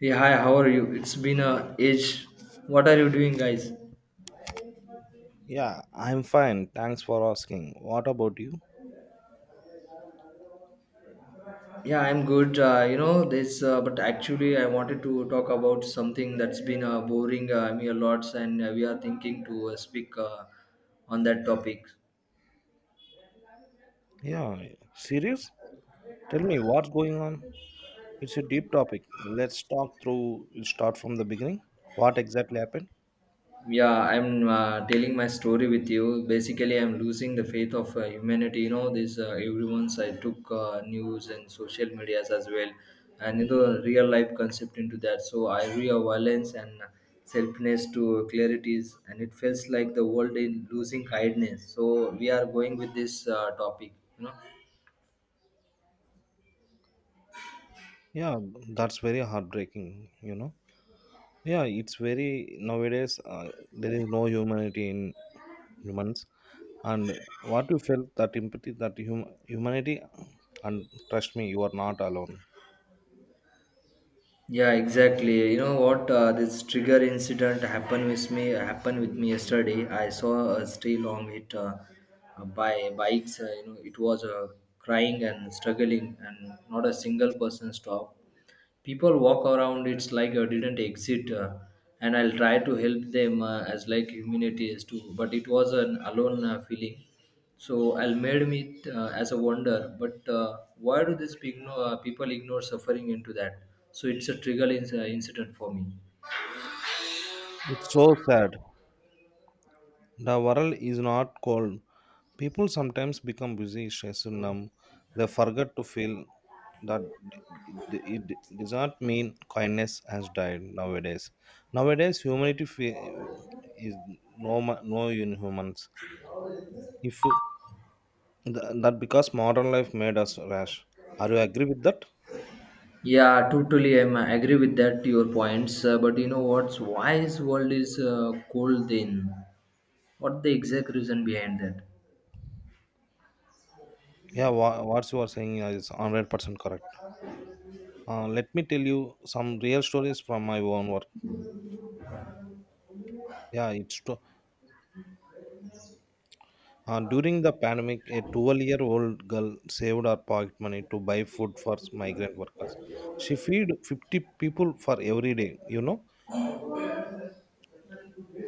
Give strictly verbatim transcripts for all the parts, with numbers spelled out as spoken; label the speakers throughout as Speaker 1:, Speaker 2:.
Speaker 1: Yeah, hi, how are you? It's been a age. What are you doing, guys?
Speaker 2: Yeah, I'm fine. Thanks for asking. What about you?
Speaker 1: Yeah, I'm good. Uh, you know, this, uh, but actually, I wanted to talk about something that's been uh, boring uh, me a lot, and uh, we are thinking to uh, speak uh, on that topic.
Speaker 2: Yeah, serious? Tell me, what's going on? It's a deep topic. Let's talk through, start from the beginning. What exactly happened?
Speaker 1: yeah i'm uh, telling my story with you. Basically, I'm losing the faith of uh, humanity. You know this uh, everyone's, I took uh, news and social medias as well, and you know, real life concept into that. So I real violence and selfness to clarities, and it feels like the world is losing kindness. So we are going with this uh, topic, you know.
Speaker 2: Yeah, that's very heartbreaking, you know. Yeah, it's very nowadays, uh, there is no humanity in humans, and what you felt, that empathy, that hum- humanity, and trust me, you are not alone.
Speaker 1: Yeah, exactly. You know what? Uh, this trigger incident happened with me. Happened with me yesterday. I saw a stray long it uh, uh, by bikes. Uh, you know, it was uh, crying and struggling, and not a single person stopped. People walk around. It's like I didn't exit, uh, and I'll try to help them uh, as like humanity is too. But it was an alone uh, feeling. So Almed meet uh, as a wonder, but uh, why do these pigno- uh, people ignore suffering into that? So it's a trigger inc- uh, incident for me.
Speaker 2: It's so sad. The world is not cold. People sometimes become busy, stressed, numb. They forget to feel that it, it it does not mean kindness has died nowadays. Nowadays, humanity fe- is no ma- no in humans. If you- th- That because modern life made us rash. Are you agree with that?
Speaker 1: Yeah, totally. I'm- I agree with that. To your points, uh, but you know what's why this world is uh, cold? Then what the exact reason behind that?
Speaker 2: Yeah, wha- what you are saying is one hundred percent correct. Uh, let me tell you some real stories from my own work. Yeah, it's true. Uh, during the pandemic, a twelve-year-old girl saved her pocket money to buy food for migrant workers. She feed fifty people for every day, you know?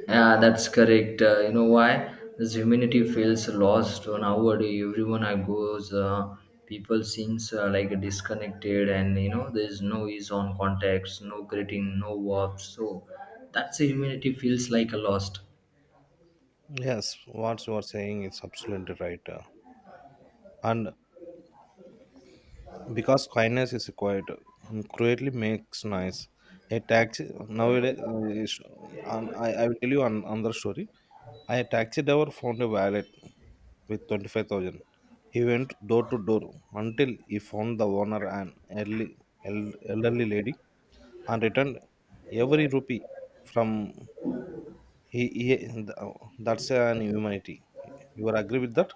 Speaker 1: Yeah, that's correct. Uh, you know why? This humanity feels lost nowadays. Everyone I goes, uh, people seems uh, like disconnected, and you know there's no ease on contacts, no greeting, no warmth. So that's the humanity feels like a lost.
Speaker 2: Yes, what you are saying is absolutely right. uh, And because quietness is required, and quietly makes noise. A taxi nowadays, uh, is- um, I, I will tell you an, another story. I a taxi driver found a wallet with twenty-five thousand. He went door to door until he found the owner, an elderly, el- elderly lady, and returned every rupee. From he, he th- That's an humanity. You are agree with that?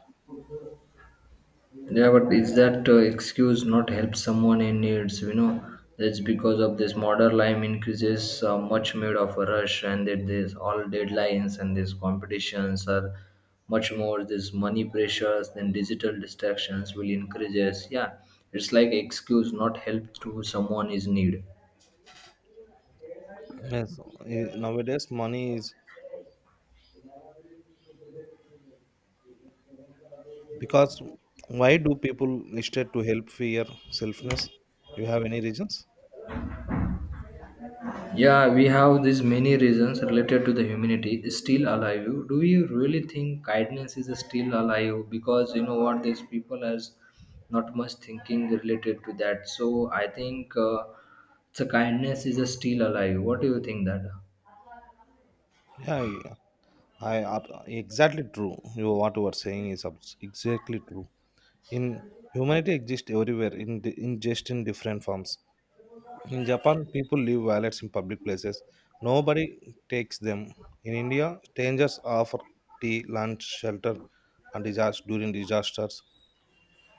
Speaker 1: Yeah, but is that uh, excuse not help someone in needs? You know, that's because of this modern life increases uh, much made of a rush, and that there's all deadlines and these competitions are much more. This money pressures, then digital distractions will increases. Yeah, it's like excuse not help to someone is need.
Speaker 2: Yes, eh, nowadays money is. Because why do people hesitate to help? Fear? Selfness? You have any reasons?
Speaker 1: Yeah, we have these many reasons related to the humanity is still alive. Do you really think kindness is still alive? Because you know what, these people has not much thinking related to that. So I think uh, the kindness is still alive. What do you think that?
Speaker 2: Yeah, I, I ab- exactly true. You What you are saying is abs- exactly true. In humanity exists everywhere in di- in just in different forms. In Japan, people leave wallets in public places. Nobody takes them. In India, strangers offer tea, lunch, shelter, and disaster during disasters.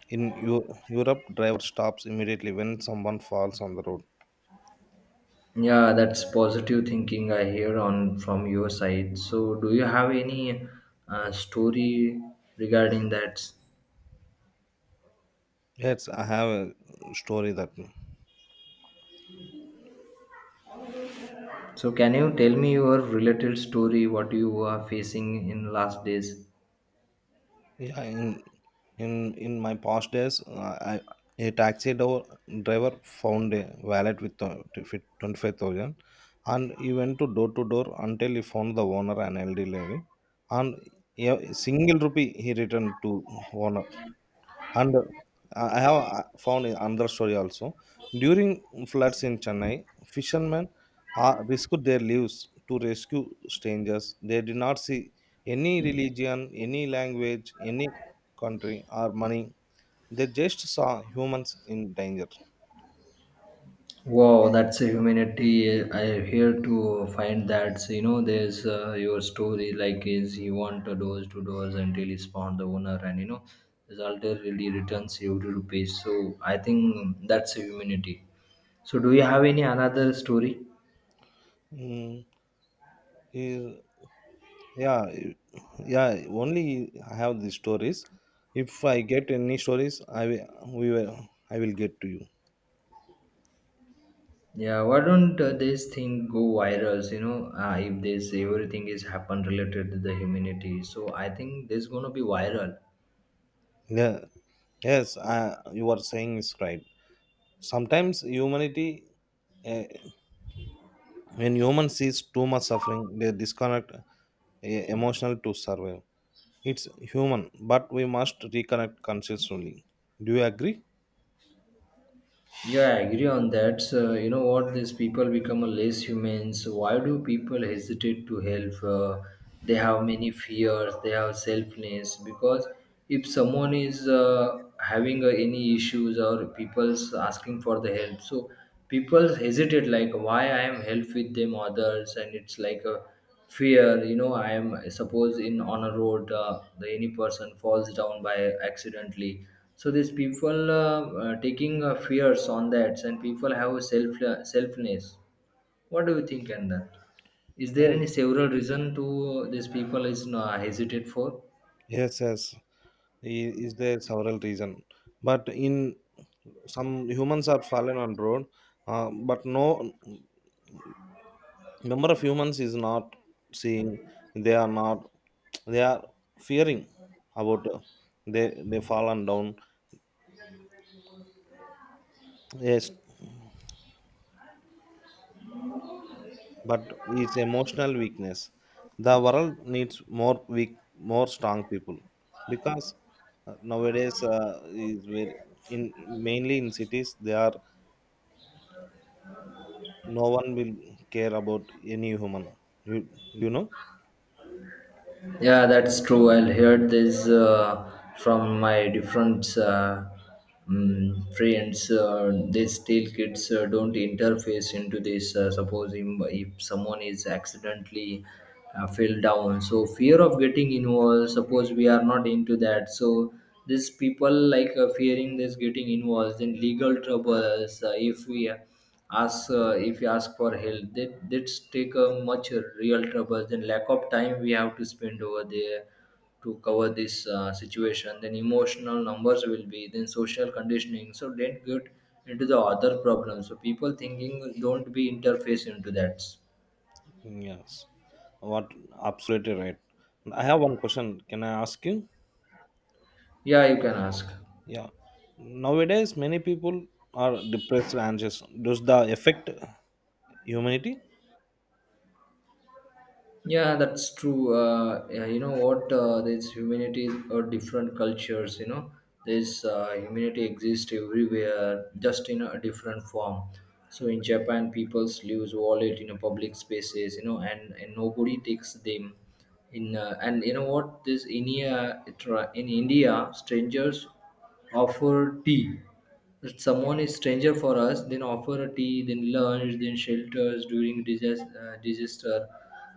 Speaker 2: In Eu- Europe, driver stops immediately when someone falls on the road.
Speaker 1: Yeah, that's positive thinking I hear on from your side. So do you have any uh, story regarding that?
Speaker 2: Yes, I have a story that.
Speaker 1: So can you tell me your related story? What you are facing in last days?
Speaker 2: Yeah, in in in my past days, uh, I, a taxi door, driver found a wallet with twenty five thousand, and he went to door to door until he found the owner, an elderly lady, and a single rupee he returned to owner. And uh, I I have uh, found another story also. During floods in Chennai, fishermen uh, risked their lives to rescue strangers. They did not see any religion, any language, any country or money. They just saw humans in danger.
Speaker 1: Wow, that's a humanity. I here to find that, you know, there's uh, your story like is he want to doors to doors until he spawned the owner, and you know, result really returns you to rupees. So I think that's a humanity. So do you have any another story?
Speaker 2: Mm, is- yeah, i- yeah. Only I have these stories. If I get any stories, I will. We will. I will get to you.
Speaker 1: Yeah, why don't uh, this thing go viral? You know, uh, if this everything is happen related to the humanity, so I think this gonna be viral.
Speaker 2: Yeah. Yes, uh, you are saying is right. Sometimes humanity, uh, when human sees too much suffering, they disconnect, uh, emotional to survive. It's human, but we must reconnect consciously. Do you agree?
Speaker 1: Yeah, I agree on that. So, you know what? These people become a less humans. Why do people hesitate to help? Uh, they have many fears. They have selfness. Because if someone is uh, having uh, any issues or people's asking for the help, so people hesitate like why I am help with them others, and it's like a fear, you know. I am suppose in on a road, uh, the any person falls down by accidentally. So these people uh, uh, taking uh, fears on that, and people have a self uh, selfness. What do you think on that? Is there
Speaker 2: Yeah.
Speaker 1: any several reason to uh, these people is uh, hesitate for?
Speaker 2: Yes yes, I- is there several reason? But in, some humans are fallen on road, uh, but no, number of humans is not seeing. They are not, they are fearing about, uh, they they fallen down. Yes, but it's emotional weakness. The world needs more weak, more strong people, because uh, nowadays uh, is very, in mainly in cities, they are, no one will care about any human. You you know.
Speaker 1: Yeah, that's true. I'll hear this uh, from my different uh, mm, friends. Uh, they still kids uh, don't interface into this. Uh, suppose im- if someone is accidentally uh, fell down, so fear of getting involved. Suppose we are not into that, so these people like uh, fearing this getting involved in legal troubles. Uh, if we as uh, if you ask for help, that that's take a much real trouble. Then lack of time we have to spend over there to cover this uh, situation. Then emotional numbers will be. Then social conditioning. So don't get into the other problem. So people thinking don't be interface into that.
Speaker 2: Yes, what absolutely right. I have one question. Can I ask you?
Speaker 1: Yeah, you can ask.
Speaker 2: Yeah, nowadays many people are depressed, anxious. Does the affect humanity?
Speaker 1: Yeah, that's true. Uh, yeah, you know what? Uh, there's humanity or different cultures. You know, this uh, humanity exists everywhere, just in a different form. So in Japan, people use wallet in a public spaces. You know, and, and nobody takes them. In uh, And you know what? This India in India, strangers offer tea. If someone is stranger for us, then offer a tea, then lunch, then shelters during disaster. Uh, disaster.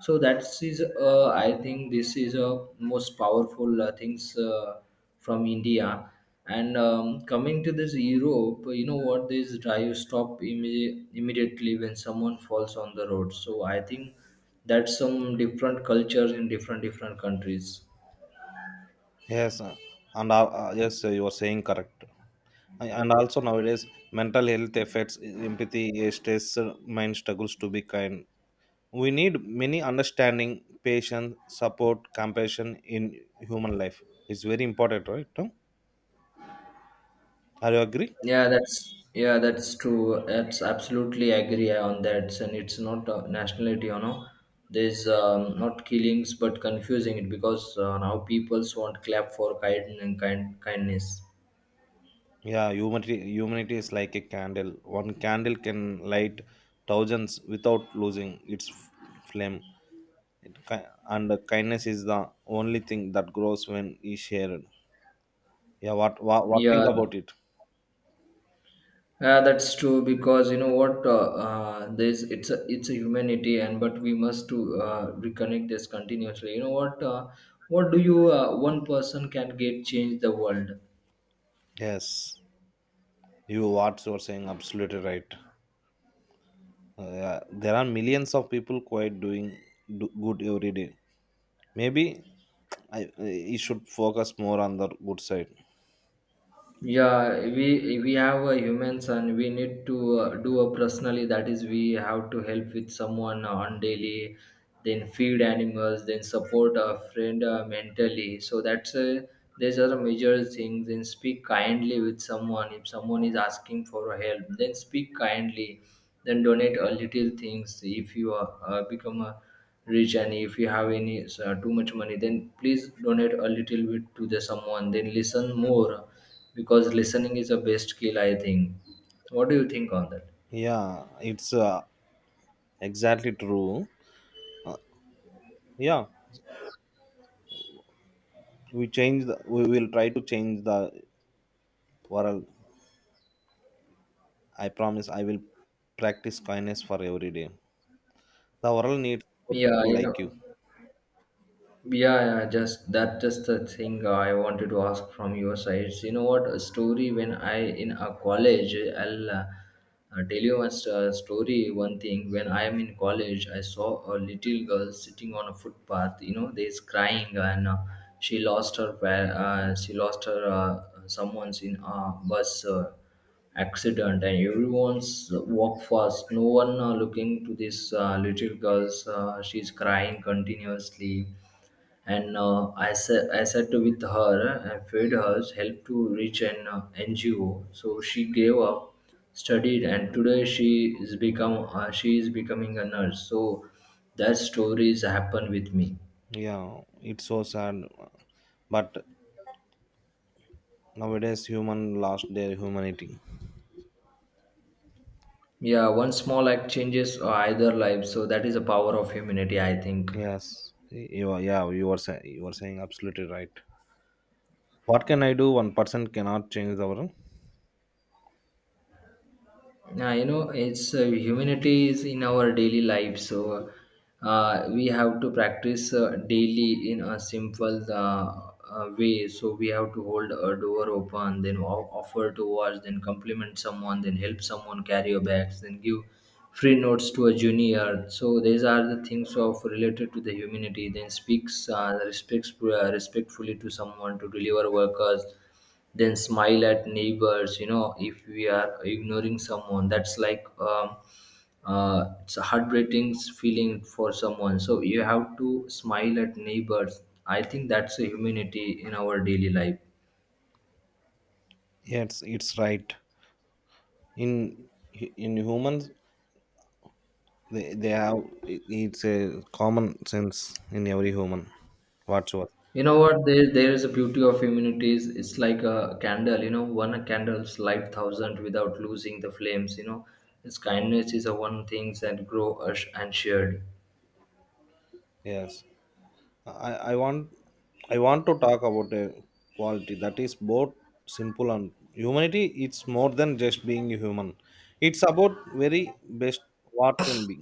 Speaker 1: So that is, uh, I think, this is a most powerful uh, things uh, from India. And um, coming to this Europe, you know what? This drive stop imme- immediately when someone falls on the road. So I think that's some different cultures in different different countries.
Speaker 2: Yes, uh, and uh, uh, yes, uh, you are saying correct. A- and also nowadays mental health affects e, empathy, eh, stress, eh, mind struggles to be kind. We need many understanding, patience, support, compassion in human life. It's very important, right Tom? Are you agree?
Speaker 1: Yeah, that's yeah, that's true. That's absolutely agree on that. And it's not uh, nationality, you know. There's um, not killings, but confusing it because uh, now peoples want clap for kind and kind kindness.
Speaker 2: Yeah, humanity, humanity is like a candle. One candle can light thousands without losing its f- flame. It, ki- and kindness is the only thing that grows when is shared. Yeah, what what, what
Speaker 1: Yeah,
Speaker 2: think about it?
Speaker 1: yeah, that's true because you know what? Uh, uh, there's it's a it's a humanity, and but we must to uh, reconnect this continuously. You know what? Uh, what do you uh, one person can get change the world?
Speaker 2: Yes. You What you're saying absolutely right. Uh, there are millions of people quite doing do good every day. Maybe, I, I you should focus more on the good side.
Speaker 1: Yeah we we have a humans, and we need to uh, do a personally. That is, we have to help with someone on daily, then feed animals, then support a friend uh, mentally. So that's a, these are the major things. Then speak kindly with someone. If someone is asking for help, then speak kindly. Then donate a little things. If you are, uh, become a rich, and if you have any uh, too much money, then please donate a little bit to the someone. Then listen more, because listening is the best skill, I think. What do you think on that?
Speaker 2: Yeah, it's uh, exactly true. Uh, yeah, we change. The, we will try to change the world. I promise. I will practice kindness for every day. The world needs more
Speaker 1: Yeah
Speaker 2: people
Speaker 1: you know
Speaker 2: like you.
Speaker 1: Yeah, yeah, just that just the thing uh, I wanted to ask from your side. You know what? A story when I in a college, I'll uh, uh, tell you a st- uh, story. One thing when I am in college, I saw a little girl sitting on a footpath. You know, there's crying and uh, she lost her pa- uh, she lost her uh, someone's in a bus uh, accident, and everyone's walk fast. No one uh, looking to this uh, little girl's. Uh, she's crying continuously, and uh, I said I said to with her, and feed her help to reach an uh, N G O. So she gave up, studied, and today she is become uh, she is becoming a nurse. So that stories happen with me.
Speaker 2: Yeah, it's so sad, but nowadays human lost their humanity.
Speaker 1: Yeah, one small act changes uh, either life. So that is the power of humanity, I think.
Speaker 2: Yes, you are, yeah, you are saying, you are saying absolutely right. What can I do? One person cannot change the world.
Speaker 1: Yeah, you know, it's uh, humanity is in our daily life, so uh, we have to practice uh, daily in a simple uh, uh, way. So we have to hold a door open, then o- offer to wash, then compliment someone, then help someone carry your bags, then give free notes to a junior. So these are the things of related to the humanity. Then speaks uh, respects uh, respectfully to someone to deliver workers, then smile at neighbors. You know, if we are ignoring someone, that's like um, uh, it's a heartbreaking feeling for someone. So you have to smile at neighbors. I think that's a humanity in our daily life.
Speaker 2: Yes, it's right. In in humans, they, they have, it- it's a common sense in every human whatsoever.
Speaker 1: You know what? There, there is a beauty of humanities. It's like a candle, you know. One candle's light thousand without losing the flames, you know. Its kindness is a one things that grow us and shared.
Speaker 2: Yes, I I want I want to talk about a quality that is both simple and humanity. It's more than just being human. It's about very best what can be.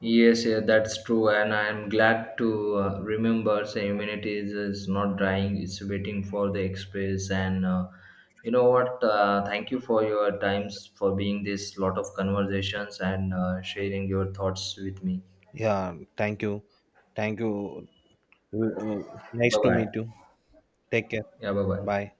Speaker 1: Yes, yeah, that's true, and I'm glad to uh, remember the humanity is, is not dying; it's waiting for the express. And uh, you know what? Uh, thank you for your times, for being this lot of conversations, and uh, sharing your thoughts with me.
Speaker 2: Yeah, thank you, thank you. Well, uh, nice
Speaker 1: Bye
Speaker 2: to
Speaker 1: bye.
Speaker 2: meet you. Take care.
Speaker 1: Yeah, bye
Speaker 2: Bye.
Speaker 1: bye.